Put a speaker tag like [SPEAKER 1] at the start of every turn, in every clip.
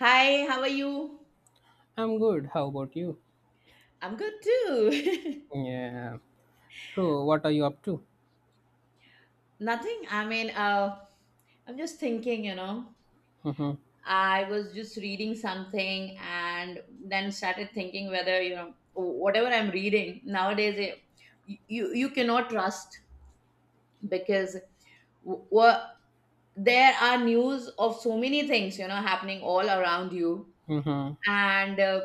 [SPEAKER 1] Hi, how are you?
[SPEAKER 2] I'm good. How about you?
[SPEAKER 1] I'm good too.
[SPEAKER 2] Yeah. So, what are you up to?
[SPEAKER 1] Nothing. I mean, I'm just thinking, you know,
[SPEAKER 2] Mm-hmm.
[SPEAKER 1] I was just reading something and then started thinking whether, you know, whatever I'm reading nowadays, you cannot trust because w- w- there are news of so many things, you know, happening all around you
[SPEAKER 2] Mm-hmm.
[SPEAKER 1] and uh,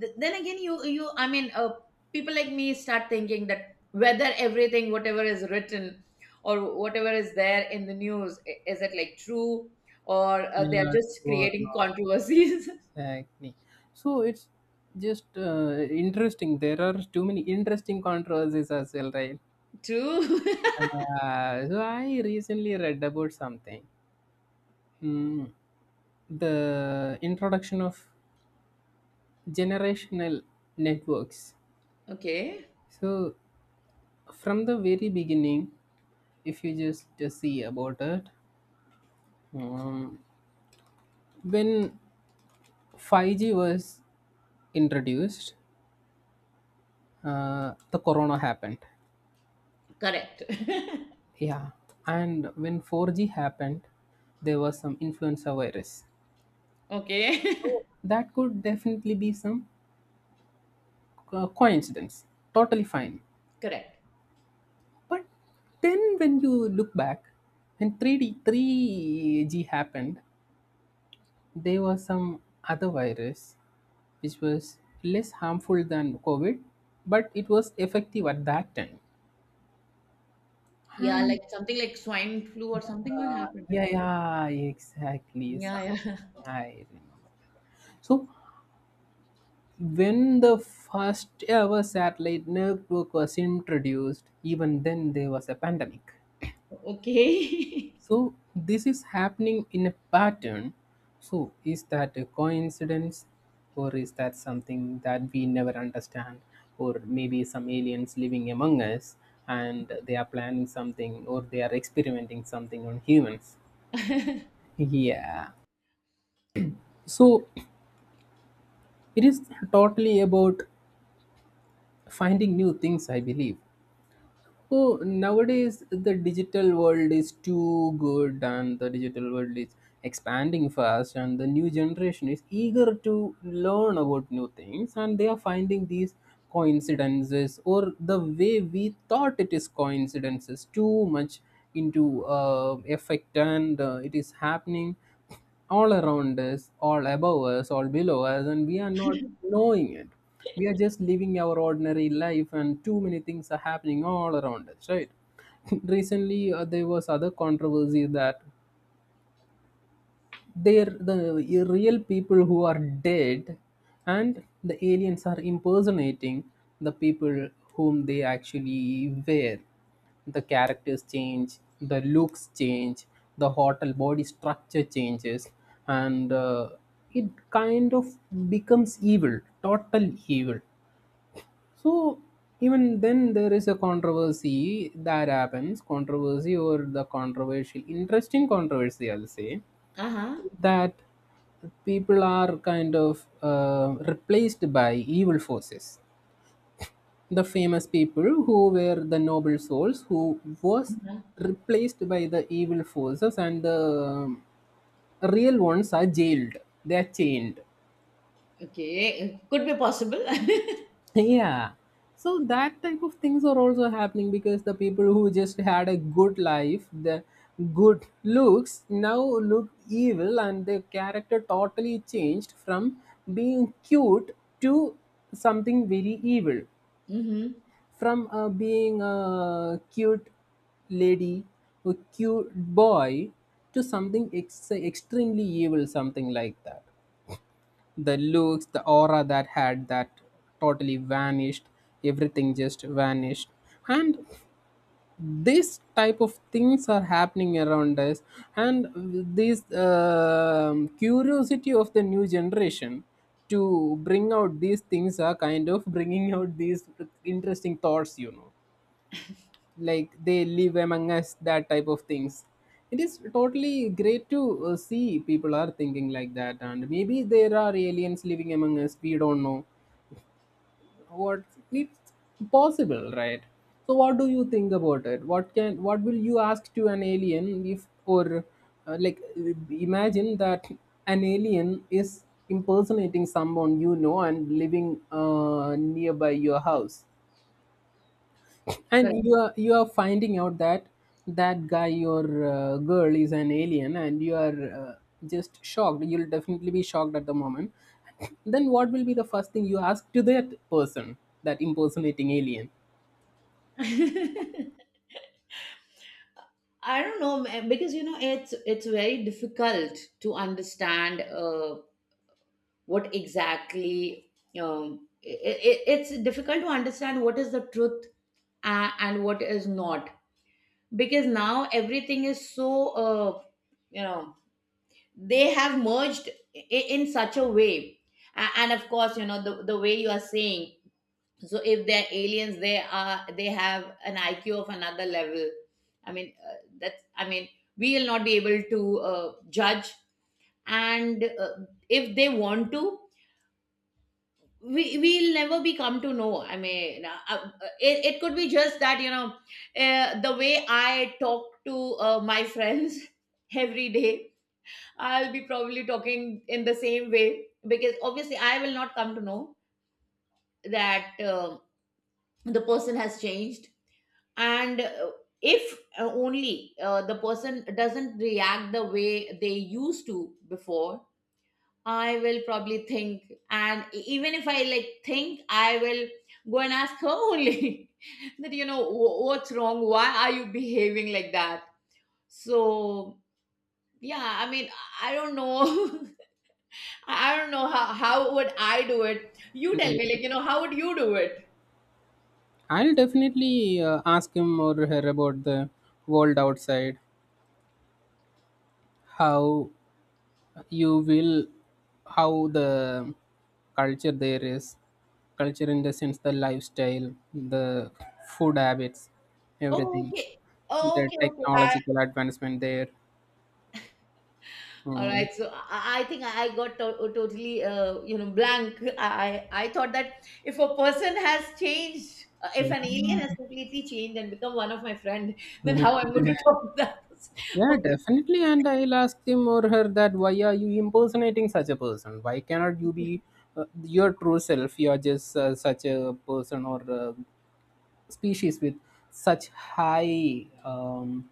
[SPEAKER 1] th- then again, you I mean, people like me start thinking that whether everything whatever is written or whatever is there in the news is it like true or they are
[SPEAKER 2] Yeah,
[SPEAKER 1] just
[SPEAKER 2] sure,
[SPEAKER 1] creating
[SPEAKER 2] not
[SPEAKER 1] controversies.
[SPEAKER 2] exactly. So it's just interesting. There are too many interesting controversies as well, right?
[SPEAKER 1] True.
[SPEAKER 2] So I recently read about something. Hmm. The introduction of generational networks.
[SPEAKER 1] Okay.
[SPEAKER 2] So from the very beginning, if you just see about it, um, when 5G was introduced, the corona happened.
[SPEAKER 1] Correct.
[SPEAKER 2] Yeah. And when 4G happened, there was some influenza virus.
[SPEAKER 1] Okay.
[SPEAKER 2] So that could definitely be some coincidence. Totally fine.
[SPEAKER 1] Correct.
[SPEAKER 2] But then when you look back, when 3G happened, there was some other virus which was less harmful than COVID, but it was effective at that time.
[SPEAKER 1] Yeah,
[SPEAKER 2] And
[SPEAKER 1] like something like swine flu or something. What
[SPEAKER 2] Uh,
[SPEAKER 1] happened, right?
[SPEAKER 2] yeah, yeah, exactly.
[SPEAKER 1] Yeah, yeah.
[SPEAKER 2] Something I remember. So, when the first ever satellite network was introduced, even then there was a pandemic.
[SPEAKER 1] Okay.
[SPEAKER 2] So, this is happening in a pattern. So, is that a coincidence, or is that something that we never understand, or maybe some aliens living among us, and they are planning something or they are experimenting something on humans?
[SPEAKER 1] Uh-huh.
[SPEAKER 2] Yeah. So it is totally about finding new things, I believe. Oh, nowadays the digital world is too good, and the digital world is expanding fast, and the new generation is eager to learn about new things, and they are finding these coincidences, or the way we thought it is coincidences too much into effect, and it is happening all around us, all above us, all below us, and we are not knowing it. We are just living our ordinary life, and too many things are happening all around us, right? Recently, there was other controversy that they're the real people who are dead, and the aliens are impersonating the people whom they actually were. The characters change, the looks change, the hotel body structure changes, and it kind of becomes evil, total evil. So even then there is a controversy that happens, controversy or the controversial interesting controversy, I'll say, that people are kind of replaced by evil forces. The famous people who were the noble souls who was
[SPEAKER 1] Uh-huh.
[SPEAKER 2] replaced by the evil forces and the um, real ones are jailed. They are chained.
[SPEAKER 1] Okay, could be possible. Mm-hmm.
[SPEAKER 2] Yeah, so that type of things are also happening because the people who just had a good life, the good looks, now look evil, and their character totally changed from being cute to something very evil, from being a cute lady, a cute boy to something extremely evil, something like that. The looks, the aura that had that totally vanished, everything just vanished. And this type of things are happening around us, and this curiosity of the new generation to bring out these things are kind of bringing out these interesting thoughts, you know, like they live among us, that type of things. It is totally great to see people are thinking like that, and maybe there are aliens living among us, we don't know what. It's possible, right? So what do you think about it? What can what will you ask to an alien if or like imagine that an alien is impersonating someone you know and living nearby your house, and
[SPEAKER 1] Correct.
[SPEAKER 2] you are finding out that that guy, your girl is an alien, and you are just shocked. You'll definitely be shocked at the moment. Then what will be the first thing you ask to that person, that impersonating alien?
[SPEAKER 1] I don't know, man, because you know it's very difficult to understand, what exactly. It's difficult to understand what is the truth, and what is not, because now everything is so, you know, they have merged in such a way. And of course, you know, the way you are saying, so if they're aliens, they are they have an iq of another level. I mean, that's, I mean, we will not be able to judge. And if they want to, we will never be come to know. I mean, it could be just that, you know, the way I talk to, my friends every day, I'll be probably talking in the same way, because obviously I will not come to know that, the person has changed. And if, only, the person doesn't react the way they used to before, I will probably think. And even if I like think, I will go and ask her only, that, you know, what's wrong? Why are you behaving like that? So yeah, I mean, I don't know. I don't know how would I do it. You tell
[SPEAKER 2] Yeah.
[SPEAKER 1] me, like, you know, how would you do it?
[SPEAKER 2] I'll definitely ask him or her about the world outside, how you will how the culture there is, culture in the sense the lifestyle, the food habits,
[SPEAKER 1] Oh,
[SPEAKER 2] everything,
[SPEAKER 1] okay. Oh,
[SPEAKER 2] the
[SPEAKER 1] okay, okay.
[SPEAKER 2] technological advancement there.
[SPEAKER 1] All
[SPEAKER 2] Mm.
[SPEAKER 1] right, so I think I got totally, you know, blank. I thought that if a person has changed, if an alien has completely changed and become one of my friend, then how I'm going to talk to that person?
[SPEAKER 2] Yeah,
[SPEAKER 1] Okay,
[SPEAKER 2] definitely, and I'll ask him or her that why are you impersonating such a person, why cannot you be your true self? You are just such a person or species with such high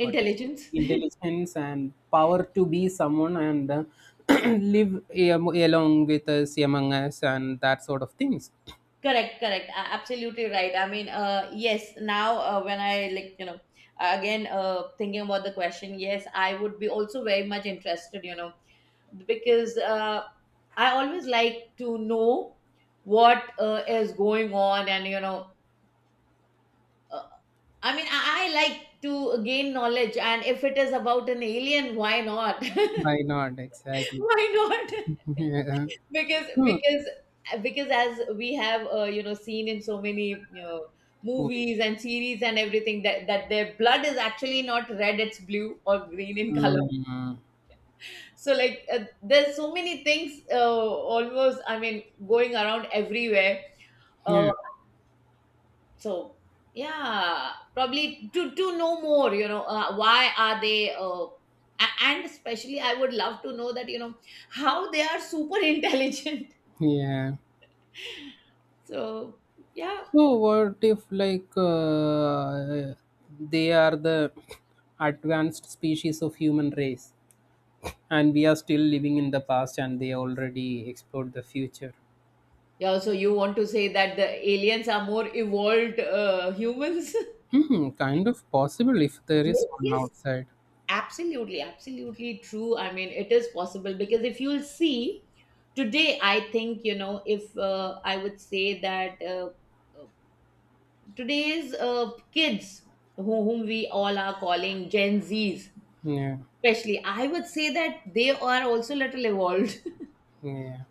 [SPEAKER 2] what is intelligence and power to be someone, and live along with us, among us, and that sort of things.
[SPEAKER 1] Correct, correct. Absolutely right. I mean, yes. Now, when I, like, you know, again, thinking about the question, yes, I would be also very much interested, you know, because I always like to know what, is going on, and you know, uh, I mean, I like to gain knowledge, and if it is about an alien, why not?
[SPEAKER 2] Why not? Exactly.
[SPEAKER 1] Why not?
[SPEAKER 2] Yeah.
[SPEAKER 1] because
[SPEAKER 2] Hmm.
[SPEAKER 1] because because as we have, you know, seen in so many, you know,
[SPEAKER 2] Movies.
[SPEAKER 1] movies and series and everything, that their blood is actually not red; it's blue or green in color.
[SPEAKER 2] Hmm.
[SPEAKER 1] So like, there's so many things, almost, I mean, going around everywhere,
[SPEAKER 2] Yeah,
[SPEAKER 1] uh, so yeah, probably to know more, you know, why are they, and especially I would love to know that, you know, how they are super intelligent.
[SPEAKER 2] yeah.
[SPEAKER 1] So yeah.
[SPEAKER 2] So what if like they are the advanced species of human race, and we are still living in the past, and they already explored the future?
[SPEAKER 1] Yeah, so you want to say that the aliens are more evolved, humans?
[SPEAKER 2] Mhm, kind of possible if there is
[SPEAKER 1] Yes,
[SPEAKER 2] one
[SPEAKER 1] yes.
[SPEAKER 2] outside.
[SPEAKER 1] Absolutely, absolutely true. I mean, it is possible, because if you'll see today, I think, you know, if, I would say that, uh, today's, kids, whom we all are calling Gen Zs,
[SPEAKER 2] Yeah,
[SPEAKER 1] especially, I would say that they are also little evolved.
[SPEAKER 2] yeah.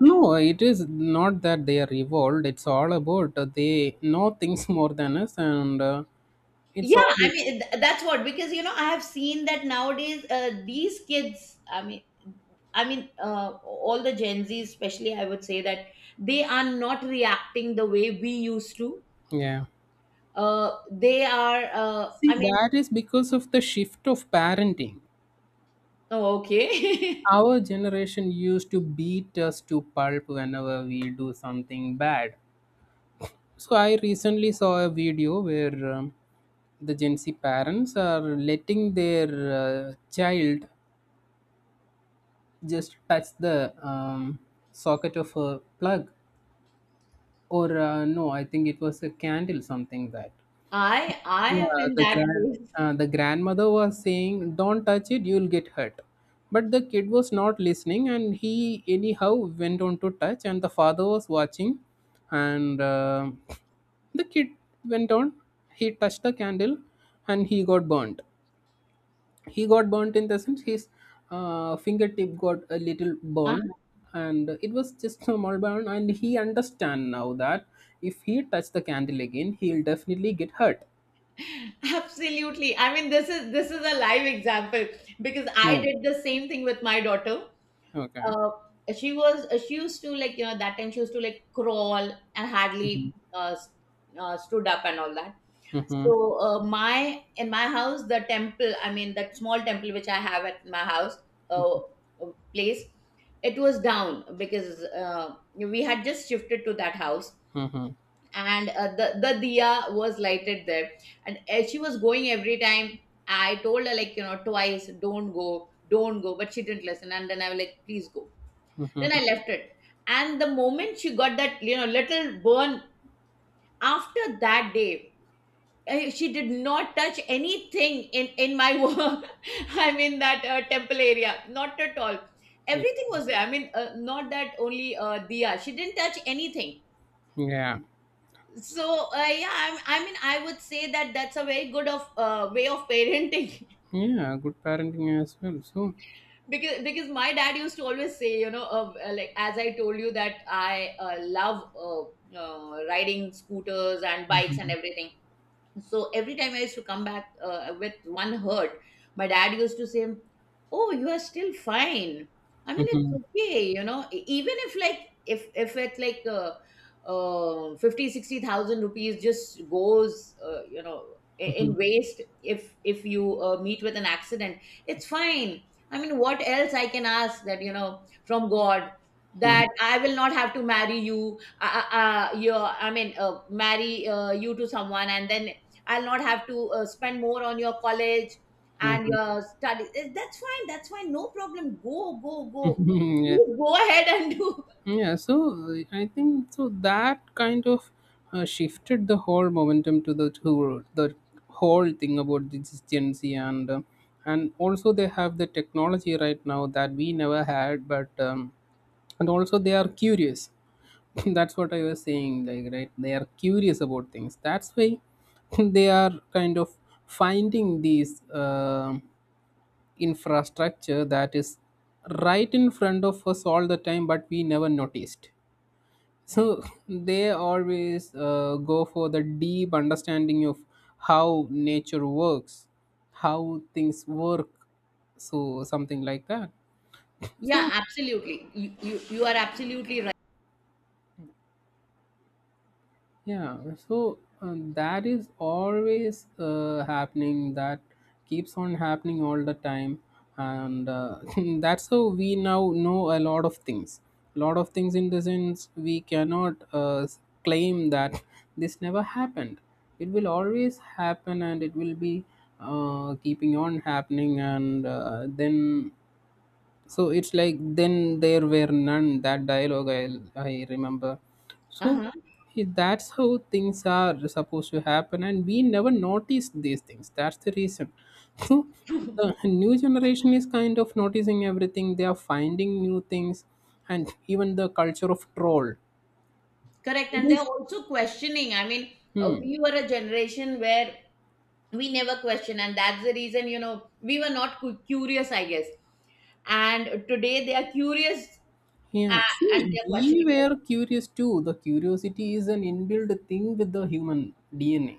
[SPEAKER 2] No, it is not that they are evolved. It's all about they know things more than us, and it's
[SPEAKER 1] Yeah,
[SPEAKER 2] all
[SPEAKER 1] I mean, that's what. Because, you know, I have seen that nowadays, these kids. I mean, all the Gen Zs, especially, I would say that they are not reacting the way we used to.
[SPEAKER 2] yeah.
[SPEAKER 1] They are.
[SPEAKER 2] See,
[SPEAKER 1] I mean,
[SPEAKER 2] that is because of the shift of parenting.
[SPEAKER 1] oh, okay.
[SPEAKER 2] Our generation used to beat us to pulp whenever we do something bad. So I recently saw a video where the Gen Z parents are letting their child just touch the socket of a plug, or no, I think it was a candle, something that.
[SPEAKER 1] I am
[SPEAKER 2] Yeah,
[SPEAKER 1] in
[SPEAKER 2] the
[SPEAKER 1] that
[SPEAKER 2] grand
[SPEAKER 1] case.
[SPEAKER 2] the grandmother was saying don't touch it, you'll get hurt, but the kid was not listening and he anyhow went on to touch, and the father was watching, and the kid went on, he touched the candle, and he got burnt. He got burnt in the sense his fingertip got a little
[SPEAKER 1] uh
[SPEAKER 2] burnt, and it was just a small burn, and he understand now that if he touch the candle again, he'll definitely get hurt.
[SPEAKER 1] Absolutely. I mean, this is a live example, because I
[SPEAKER 2] Yeah.
[SPEAKER 1] did the same thing with my daughter.
[SPEAKER 2] Okay.
[SPEAKER 1] uh, she used to, like, you know, that time she used to, like, crawl, and
[SPEAKER 2] Mhm.
[SPEAKER 1] hardly, stood up and all that.
[SPEAKER 2] Mm-hmm.
[SPEAKER 1] So my in my house, the temple, I mean that small temple which I have at my house, place, it was down, because we had just shifted to that house.
[SPEAKER 2] Mm-hmm.
[SPEAKER 1] And the diya was lighted there, and as she was going every time, I told her, like, you know, twice, don't go, don't go. But she didn't listen, and then I was like, please go.
[SPEAKER 2] Mm-hmm.
[SPEAKER 1] Then I left it. And the moment she got that, you know, little burn, after that day, she did not touch anything in my work. I mean, that, temple area, not at all. Everything was there. I mean, not that only, Diya. She didn't touch anything.
[SPEAKER 2] Yeah,
[SPEAKER 1] So yeah, I mean, I would say that that's a very good of, way of parenting.
[SPEAKER 2] yeah, good parenting as well. So
[SPEAKER 1] Because my dad used to always say, you know, like, as I told you, that i, love, riding scooters and bikes and everything. So every time I used to come back, with one hurt, my dad used to say, oh, you are still fine. I mean, it's
[SPEAKER 2] mhm.
[SPEAKER 1] okay, you know. Even if, like, if it's like, 50, 60,000 rupees just goes, you know, in waste, if you, meet with an accident, it's fine. I mean, what else I can ask, that, you know, from god, that I will not have to marry you, you, marry, you to someone, and then I'll not have to, spend more on your college and your study. That's fine. That's fine. No problem. Go, go, go.
[SPEAKER 2] Yeah.
[SPEAKER 1] Please go ahead and do.
[SPEAKER 2] Yeah, so I think so that kind of shifted the whole momentum to the whole thing about this Gen Z, and and also they have the technology right now that we never had, but and also they are curious. That's what I was saying, like right, they are curious about things. That's why they are kind of finding these. Um, infrastructure that is right in front of us all the time, but we never noticed. So they always go for the deep understanding of how nature works, how things work, so something like that.
[SPEAKER 1] Yeah,
[SPEAKER 2] So
[SPEAKER 1] absolutely. You are absolutely right.
[SPEAKER 2] yeah, so that is always happening. That keeps on happening all the time, and that's how we now know a lot of things. A lot of things in the sense we cannot claim that this never happened. It will always happen, and it will be keeping on happening, and then so it's like then there were none, that dialogue I remember. So
[SPEAKER 1] Uh-huh.
[SPEAKER 2] that's how things are supposed to happen, and we never notice these things. That's the reason. So the new generation is kind of noticing everything. They are finding new things, and even the culture of troll.
[SPEAKER 1] Correct.
[SPEAKER 2] It
[SPEAKER 1] And they're
[SPEAKER 2] is,
[SPEAKER 1] also questioning. I mean,
[SPEAKER 2] hmm,
[SPEAKER 1] we were a generation where we never question. And that's the reason, you know, we were not curious, I guess. And today they are curious, uh,
[SPEAKER 2] yeah.
[SPEAKER 1] and
[SPEAKER 2] See,
[SPEAKER 1] they're
[SPEAKER 2] we
[SPEAKER 1] questioning us.
[SPEAKER 2] were curious too. The curiosity is an inbuilt thing with the human DNA,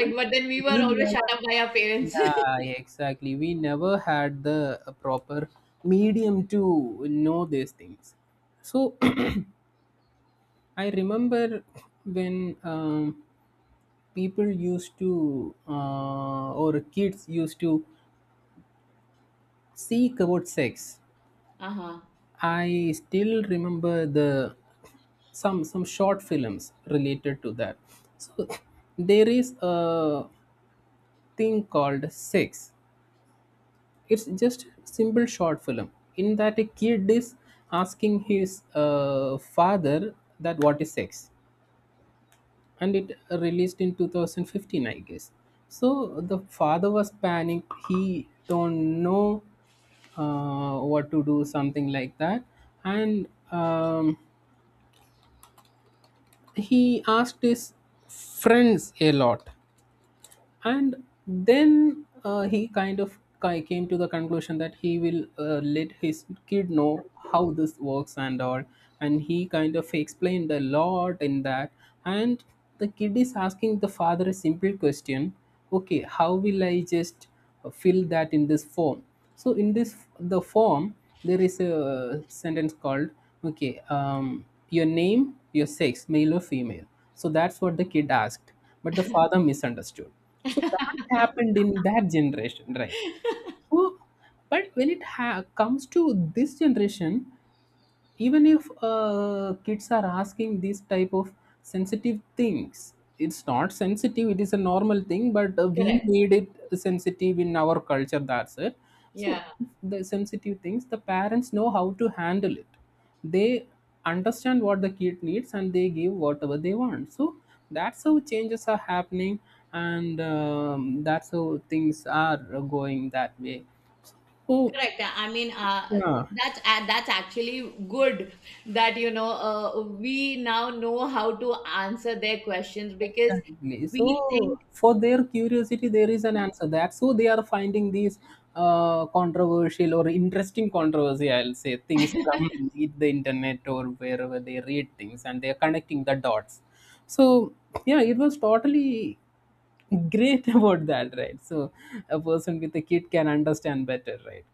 [SPEAKER 2] but
[SPEAKER 1] But then we were
[SPEAKER 2] we
[SPEAKER 1] always shut
[SPEAKER 2] never.
[SPEAKER 1] up by our parents.
[SPEAKER 2] Yeah, exactly. We never had the proper medium to know these things. So I remember when people used to, or kids used to seek about sex.
[SPEAKER 1] Uh-huh.
[SPEAKER 2] I still remember the some short films related to that. So there is a thing called sex. It's just a simple short film in that a kid is asking his father that what is sex, and it released in 2015, I guess. So the father was panicked. He don't know what to do, something like that, and he asked his friends a lot, and then he kind of came to the conclusion that he will let his kid know how this works and all, and he kind of explained a lot in that, and the kid is asking the father a simple question, okay, how will I just fill that in this form? So in this the form there is a sentence called, okay, your name, your sex male or female. So that's what the kid asked, but the father misunderstood. So that happened in that generation, right? So but when it comes to this generation, even if kids are asking these type of sensitive things, it's not sensitive, it is a normal thing, but we
[SPEAKER 1] Correct.
[SPEAKER 2] made it sensitive in our culture, that's it. So
[SPEAKER 1] Yeah,
[SPEAKER 2] the sensitive things the parents know how to handle it. They understand what the kid needs and they give whatever they want. So that's how changes are happening, and that's how things are going that way. So
[SPEAKER 1] correct. I mean,
[SPEAKER 2] yeah.
[SPEAKER 1] that's actually good, that you know, we now know how to answer their questions, because
[SPEAKER 2] Exactly.
[SPEAKER 1] we
[SPEAKER 2] So
[SPEAKER 1] think
[SPEAKER 2] for their curiosity, there is an answer. That's so they are finding these controversial or interesting controversy, I'll say, things from the internet or wherever they read things, and they are connecting the dots. So yeah, it was totally great about that, right? So a person with a kid can understand better, right?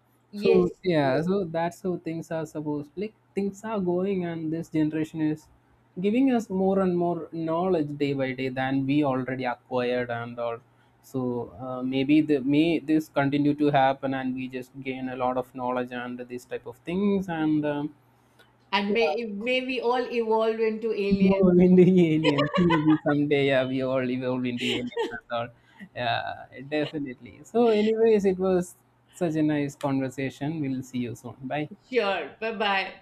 [SPEAKER 2] So
[SPEAKER 1] yes,
[SPEAKER 2] yeah,
[SPEAKER 1] yes,
[SPEAKER 2] so that's how things are supposed, like things are going, and this generation is giving us more and more knowledge day by day than we already acquired and all. So maybe the may this continue to happen, and we just gain a lot of knowledge and these type of things, and
[SPEAKER 1] and
[SPEAKER 2] yeah,
[SPEAKER 1] may we all evolve into aliens.
[SPEAKER 2] evolve into aliens maybe someday. Yeah, we all evolve into aliens and all. Yeah, definitely. So anyways, it was such a nice conversation. We'll see you soon, bye.
[SPEAKER 1] Sure. Bye bye.